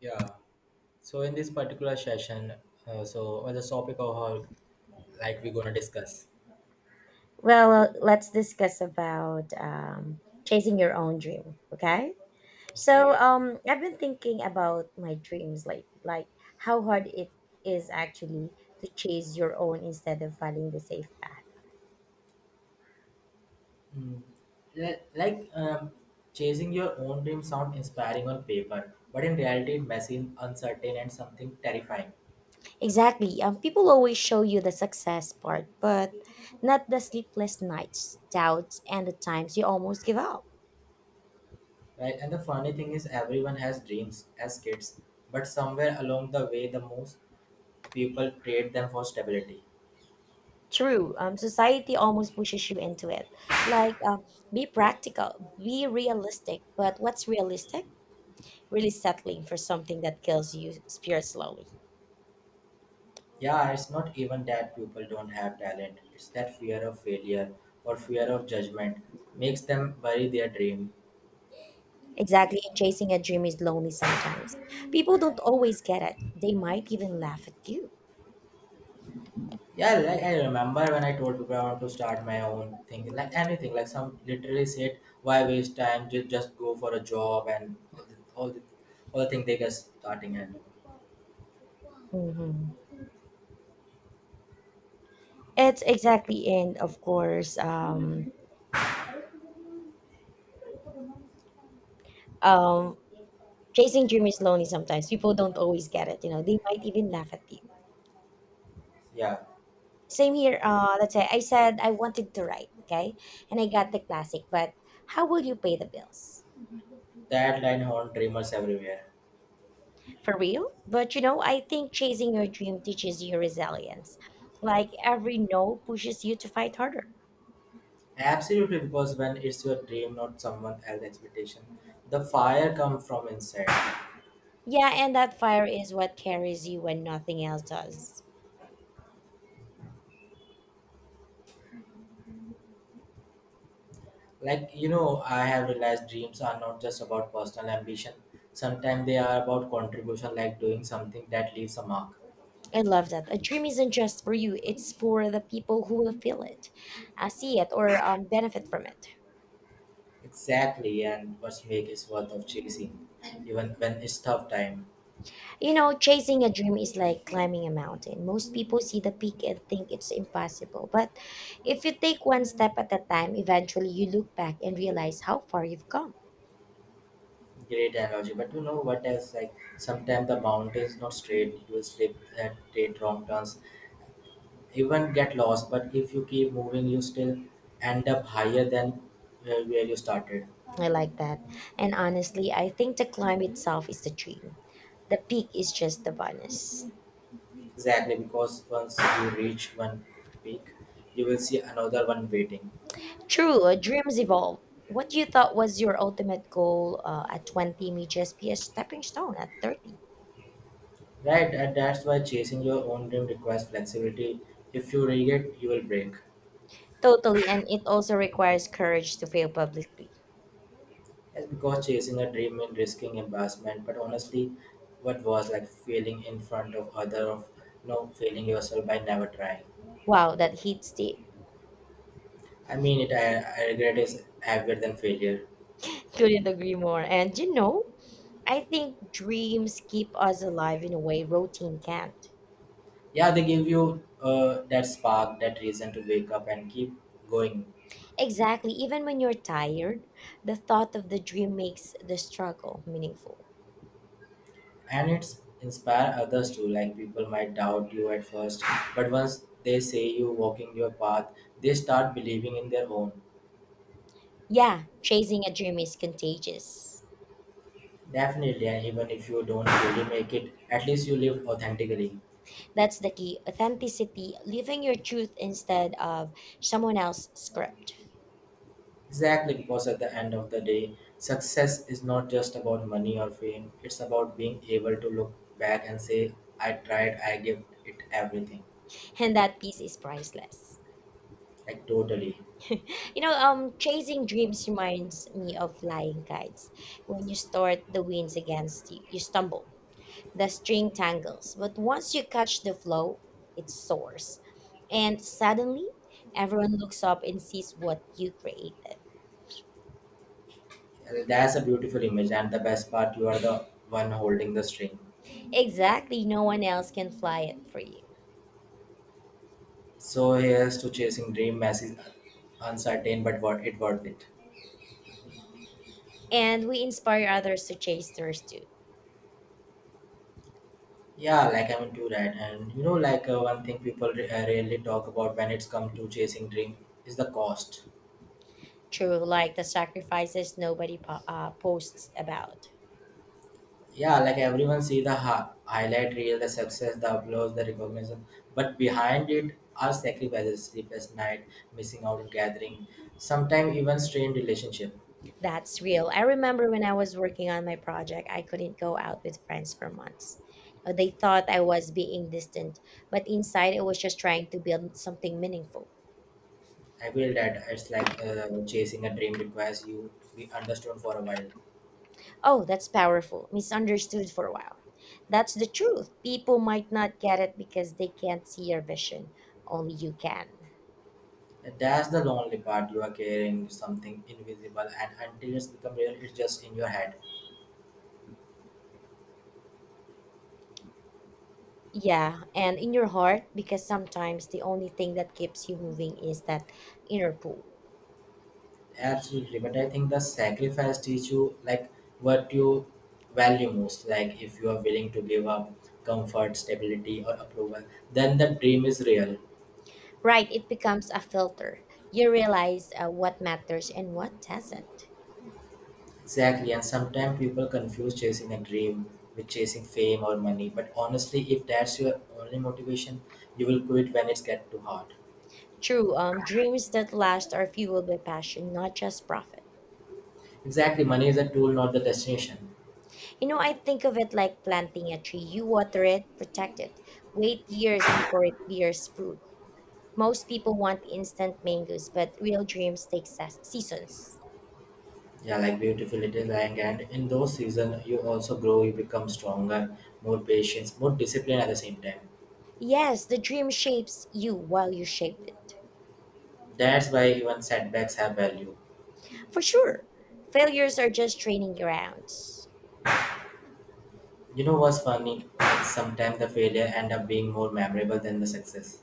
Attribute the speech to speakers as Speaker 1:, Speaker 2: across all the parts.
Speaker 1: Yeah. So in this particular session, so on the topic of how, like we're gonna discuss.
Speaker 2: Well, let's discuss about chasing your own dream. Okay. So,
Speaker 1: Okay.
Speaker 2: um, I've been thinking about my dreams lately, like how hard it is actually to chase your own instead of following the safe path.
Speaker 1: Mm. Like chasing your own dream sound inspiring on paper, but in reality it messy, uncertain, and something terrifying.
Speaker 2: Exactly. People always show you the success part, but not the sleepless nights, doubts, and the times you almost give up.
Speaker 1: Right. And the funny thing is, everyone has dreams as kids, but somewhere along the way, the most people create them for stability.
Speaker 2: True. Society almost pushes you into it. Like, be practical, be realistic. But what's realistic? Really settling for something that kills you spirit slowly.
Speaker 1: Yeah, it's not even that people don't have talent. It's that fear of failure or fear of judgment makes them bury their dream.
Speaker 2: Exactly, and chasing a dream is lonely sometimes. People don't always get it. They might even laugh at you.
Speaker 1: Yeah, like I remember when I told people I want to start my own thing, like anything, like some literally said, why waste time? Just go for a job and all the thing they get starting and
Speaker 2: Hmm. It's exactly, and of course, um, chasing dream is lonely sometimes. People don't always get it. You know, they might even laugh at you.
Speaker 1: yeah,
Speaker 2: Same here. Let's say I said I wanted to write, okay, and I got the classic, but how will you pay the bills?
Speaker 1: that line haunt dreamers everywhere.
Speaker 2: For real. But you know, I think chasing your dream teaches you resilience. Like every no pushes you to fight harder.
Speaker 1: Absolutely, because when it's your dream, not someone else's expectation, the fire comes from inside.
Speaker 2: Yeah, and that fire is what carries you when nothing else does.
Speaker 1: Like you know I have realized dreams are not just about personal ambition, sometimes they are about contribution, like doing something that leaves a mark.
Speaker 2: I love that. A dream isn't just for you, it's for the people who will feel it, see it, or benefit from it.
Speaker 1: Exactly, and what make is worth of chasing even when it's tough time.
Speaker 2: You know, chasing a dream is like climbing a mountain. Most people see the peak and think it's impossible. But if you take one step at a time, eventually you look back and realize how far you've come.
Speaker 1: Great analogy, but you know what else, like sometimes the mountain is not straight, you will slip and take wrong turns, even get lost, but if you keep moving you still end up higher than where you started.
Speaker 2: I like that. And honestly, I think the climb itself is the dream. The peak is just the bonus.
Speaker 1: Exactly, because once you reach one peak, you will see another one waiting.
Speaker 2: True, dreams evolve. What you thought was your ultimate goal at 20 may just be a stepping stone at 30.
Speaker 1: Right, and that's why chasing your own dream requires flexibility. If you rig it, you will break.
Speaker 2: Totally, and it also requires courage to fail publicly.
Speaker 1: That's because chasing a dream means risking embarrassment, but honestly, what was like failing in front of other of no, failing yourself by never trying.
Speaker 2: Wow, that hits deep.
Speaker 1: I mean it. I regret is heavier than failure.
Speaker 2: Couldn't agree more. And you know, I think dreams keep us alive in a way routine can't.
Speaker 1: Yeah, they give you that spark, that reason to wake up and keep going.
Speaker 2: Exactly, even when you're tired, the thought of the dream makes the struggle meaningful.
Speaker 1: And it's inspire others too. Like people might doubt you at first, but once they say you walking your path, they start believing in their own.
Speaker 2: Yeah, chasing a dream is contagious.
Speaker 1: Definitely, and even if you don't really make it, at least you live authentically.
Speaker 2: That's the key authenticity, living your truth instead of someone else's script.
Speaker 1: Exactly, because at the end of the day success is not just about money or fame, it's about being able to look back and say I tried, I gave it everything.
Speaker 2: And that piece is priceless.
Speaker 1: Like totally.
Speaker 2: You know, chasing dreams reminds me of flying kites. When you start, the winds against you, you stumble, the string tangles. But once you catch the flow, it soars. And suddenly, everyone looks up and sees what you created.
Speaker 1: That's a beautiful image, and the best part, you are the one holding the string.
Speaker 2: Exactly, no one else can fly it for you.
Speaker 1: So here's to chasing dream message, uncertain, but what it worth it.
Speaker 2: And we inspire others to chase theirs too
Speaker 1: Yeah, like I'm into that, and you know, like one thing people rarely talk about when it's come to chasing dream is the cost.
Speaker 2: through like the sacrifices nobody posts about.
Speaker 1: Yeah, like everyone see the highlight reel, the success, the applause, the recognition, but behind it are sacrifices, sleepless night, missing out on gathering, sometimes even strained relationship.
Speaker 2: That's real. I remember when I was working on my project, I couldn't go out with friends for months. They thought I was being distant, but inside I was just trying to build something meaningful.
Speaker 1: I feel that, it's like chasing a dream requires you be understood for a while.
Speaker 2: Oh, that's powerful. Misunderstood for a while. That's the truth. People might not get it because they can't see your vision. Only you can.
Speaker 1: That's the lonely part. You are carrying something invisible, and until it's become real, it's just in your head.
Speaker 2: Yeah, and in your heart, because sometimes the only thing that keeps you moving is that inner pull.
Speaker 1: Absolutely. But I think the sacrifice teach you like what you value most. Like if you are willing to give up comfort, stability, or approval, then the dream is real.
Speaker 2: Right, it becomes a filter. You realize what matters and what doesn't.
Speaker 1: Exactly. And sometimes people confuse chasing a dream with chasing fame or money. But honestly, if that's your only motivation, you will quit when it's get too hard.
Speaker 2: True, dreams that last are fueled by passion, not just profit.
Speaker 1: Exactly. Money is a tool, not the destination.
Speaker 2: You know, I think of it like planting a tree. You water it, protect it, wait years before it bears fruit. Most people want instant mangoes, but real dreams take seasons.
Speaker 1: Yeah, like beautiful it is, like and in those seasons you also grow, you become stronger, more patience, more disciplined at the same time.
Speaker 2: Yes, the dream shapes you while you shape it.
Speaker 1: That's why even setbacks have value.
Speaker 2: For sure, failures are just training grounds.
Speaker 1: You know what's funny? Sometimes the failure end up being more memorable than the success.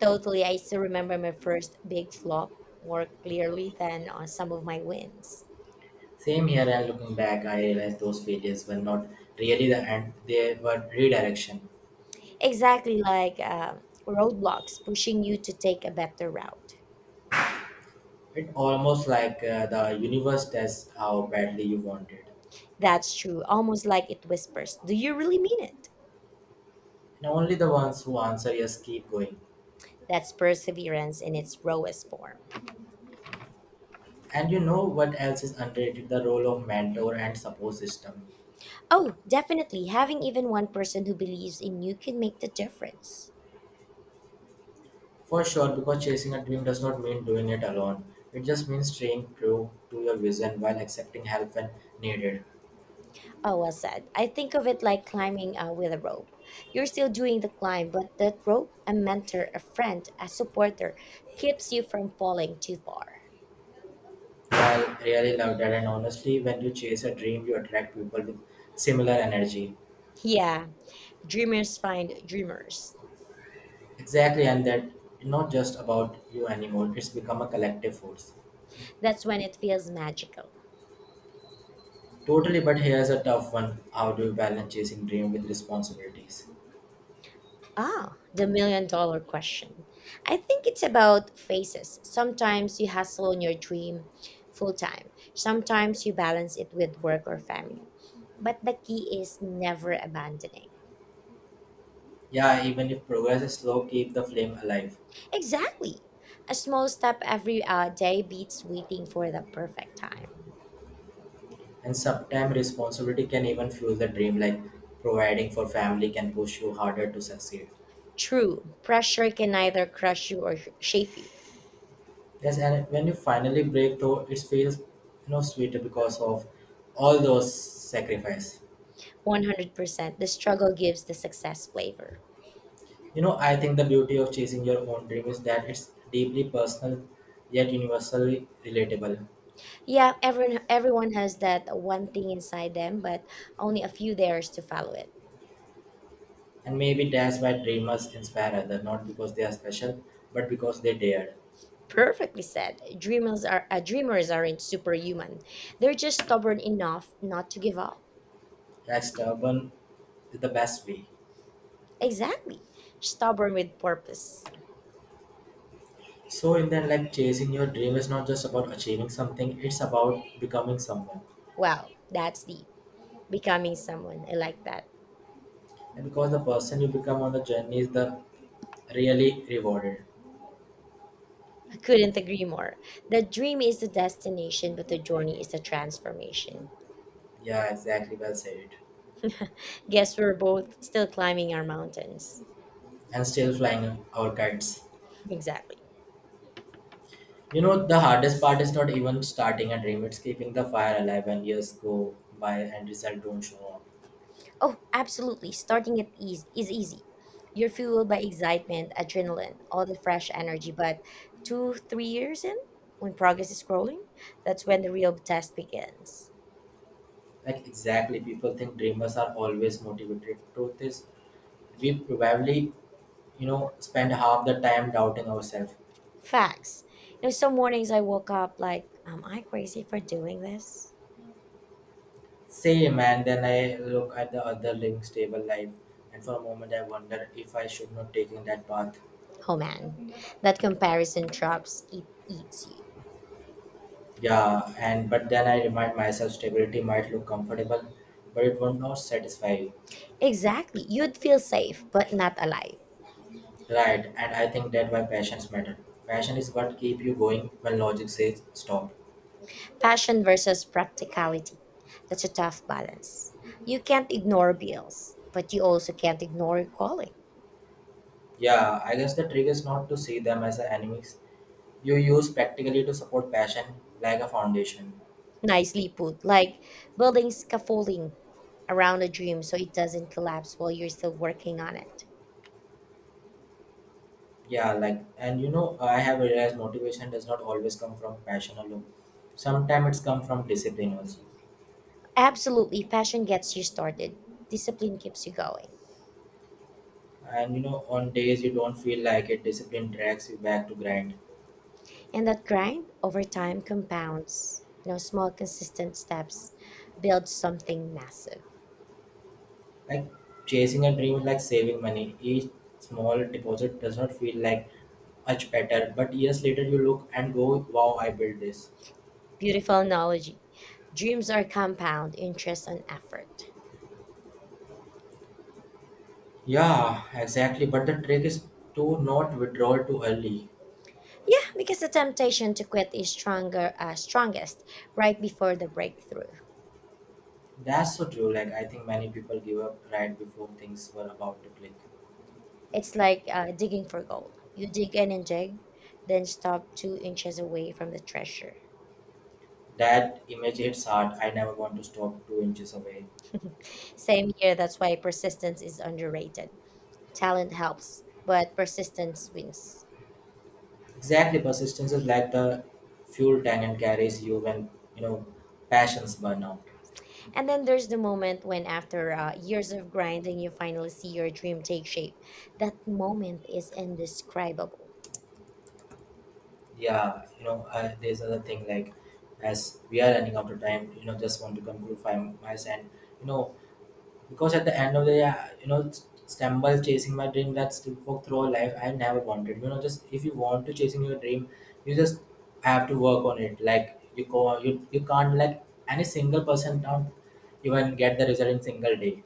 Speaker 2: Totally, I still remember my first big flop more clearly than on some of my wins.
Speaker 1: Same here, and looking back I realized those failures were not really the end, they were redirection.
Speaker 2: Exactly, like roadblocks pushing you to take a better route.
Speaker 1: It almost like the universe tests how badly you want it.
Speaker 2: That's true, almost like it whispers, do you really mean it?
Speaker 1: And only the ones who answer yes keep going.
Speaker 2: That's perseverance in its rawest form.
Speaker 1: And you know what else is underrated? The role of mentor and support system.
Speaker 2: Oh, definitely, having even one person who believes in you can make the difference.
Speaker 1: For sure, because chasing a dream does not mean doing it alone. It just means staying true to your vision while accepting help when needed.
Speaker 2: Oh, well said. I think of it like climbing with a rope. You're still doing the climb, but that rope, a mentor, a friend, a supporter, keeps you from falling too far.
Speaker 1: I really love that, and honestly, when you chase a dream, you attract people with similar energy.
Speaker 2: Yeah, dreamers find dreamers.
Speaker 1: Exactly, and that not just about you anymore. It's become a collective force.
Speaker 2: That's when it feels magical.
Speaker 1: Totally, but here's a tough one. How do you balance chasing dream with responsibilities?
Speaker 2: Ah, the million-dollar question. I think it's about phases. Sometimes you hustle on your dream full time, sometimes you balance it with work or family. But the key is never abandoning.
Speaker 1: Yeah, even if progress is slow, keep the flame alive.
Speaker 2: Exactly. A small step every day beats waiting for the perfect time.
Speaker 1: And sometimes responsibility can even fuel the dream, like providing for family can push you harder to succeed.
Speaker 2: True, pressure can either crush you or shape you.
Speaker 1: Yes, and when you finally break through, it feels you know sweeter because of all those sacrifice.
Speaker 2: 100%. The struggle gives the success flavor.
Speaker 1: You know, I think the beauty of chasing your own dream is that it's deeply personal yet universally relatable.
Speaker 2: Yeah, everyone has that one thing inside them, but only a few dares to follow it.
Speaker 1: And maybe that's why dreamers inspire others, not because they are special, but because they dared.
Speaker 2: Perfectly said. Dreamers aren't superhuman. They're just stubborn enough not to give up.
Speaker 1: Like stubborn is the best way.
Speaker 2: Exactly. Stubborn with purpose.
Speaker 1: So in that, like chasing your dream is not just about achieving something, it's about becoming someone.
Speaker 2: Wow, that's deep. Becoming someone. I like that.
Speaker 1: And because the person you become on the journey is the really rewarded.
Speaker 2: I couldn't agree more. The dream is the destination, but the journey is the transformation.
Speaker 1: Yeah, exactly, well said.
Speaker 2: Guess we're both still climbing our mountains.
Speaker 1: And still flying our kites.
Speaker 2: Exactly.
Speaker 1: You know the hardest part is not even starting a dream, it's keeping the fire alive when years go by and results don't show up.
Speaker 2: Oh, absolutely. Starting at ease is easy. You're fueled by excitement, adrenaline, all the fresh energy, but two, 3 years in, when progress is growing, that's when the real test begins.
Speaker 1: Like exactly, people think dreamers are always motivated. Truth is we probably, you know, spend half the time doubting ourselves.
Speaker 2: Facts. You know, some mornings I woke up like, am I crazy for doing this?
Speaker 1: Same, and then I look at the other links table life, and for a moment I wonder if I should not taking that path.
Speaker 2: Oh man, that comparison traps, it eats you.
Speaker 1: Yeah, and but then I remind myself stability might look comfortable, but it will not satisfy. You.
Speaker 2: Exactly. You'd feel safe, but not alive.
Speaker 1: Right, and I think that why passions matter. Passion is what keep you going when logic says stop.
Speaker 2: Passion versus practicality. That's a tough balance. You can't ignore bills, but you also can't ignore your calling.
Speaker 1: Yeah, I guess the trick is not to see them as enemies. You use practically to support passion like a foundation.
Speaker 2: Nicely put, like building scaffolding around a dream so it doesn't collapse while you're still working on it.
Speaker 1: Yeah, like and you know I have realized motivation does not always come from passion alone, sometimes it's come from discipline also.
Speaker 2: Absolutely, passion gets you started. Discipline keeps you going.
Speaker 1: And you know on days you don't feel like it, discipline drags you back to grind.
Speaker 2: And that grind over time compounds. You know, small consistent steps build something massive.
Speaker 1: Like chasing a dream is like saving money, each small deposit does not feel like much better, but years later you look and go wow, I built this.
Speaker 2: Beautiful analogy. Dreams are compound, interest and effort.
Speaker 1: Yeah exactly, but the trick is to not withdraw too early.
Speaker 2: Yeah, because the temptation to quit is stronger, strongest right before the breakthrough.
Speaker 1: That's so true, like I think many people give up right before things were about to click.
Speaker 2: It's like digging for gold. You dig in and dig, then stop 2 inches away from the treasure.
Speaker 1: That image hits hard. I never want to stop two inches away.
Speaker 2: Same here, that's why persistence is underrated. Talent helps, but persistence wins.
Speaker 1: Exactly. Persistence is like the fuel tank and carries you when, you know, passions burn out.
Speaker 2: And then there's the moment when, after years of grinding, you finally see your dream take shape. That moment is indescribable.
Speaker 1: Yeah, you know, there's another thing, like as we are running out of time, you know, just want to conclude by my side. You know, because at the end of the day you know stumble chasing my dream that's to work through all life, I never wanted, you know, just if you want to chasing your dream you just have to work on it, like you go, you can't like any single person don't even get the result in single day.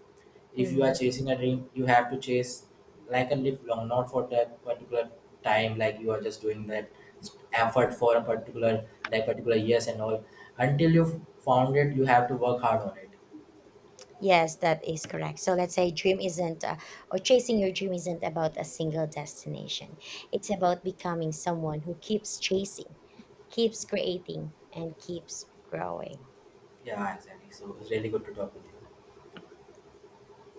Speaker 1: If you are
Speaker 2: Mhm.
Speaker 1: chasing a dream you have to chase like a live long, not for that particular time, like you are just doing that effort for a particular like particular years and all until you found it, you have to work hard on it.
Speaker 2: Yes, that is correct. So let's say dream isn't, or chasing your dream isn't about a single destination. It's about becoming someone who keeps chasing, keeps creating, and keeps growing.
Speaker 1: Yeah, exactly. So it was really good to talk with you.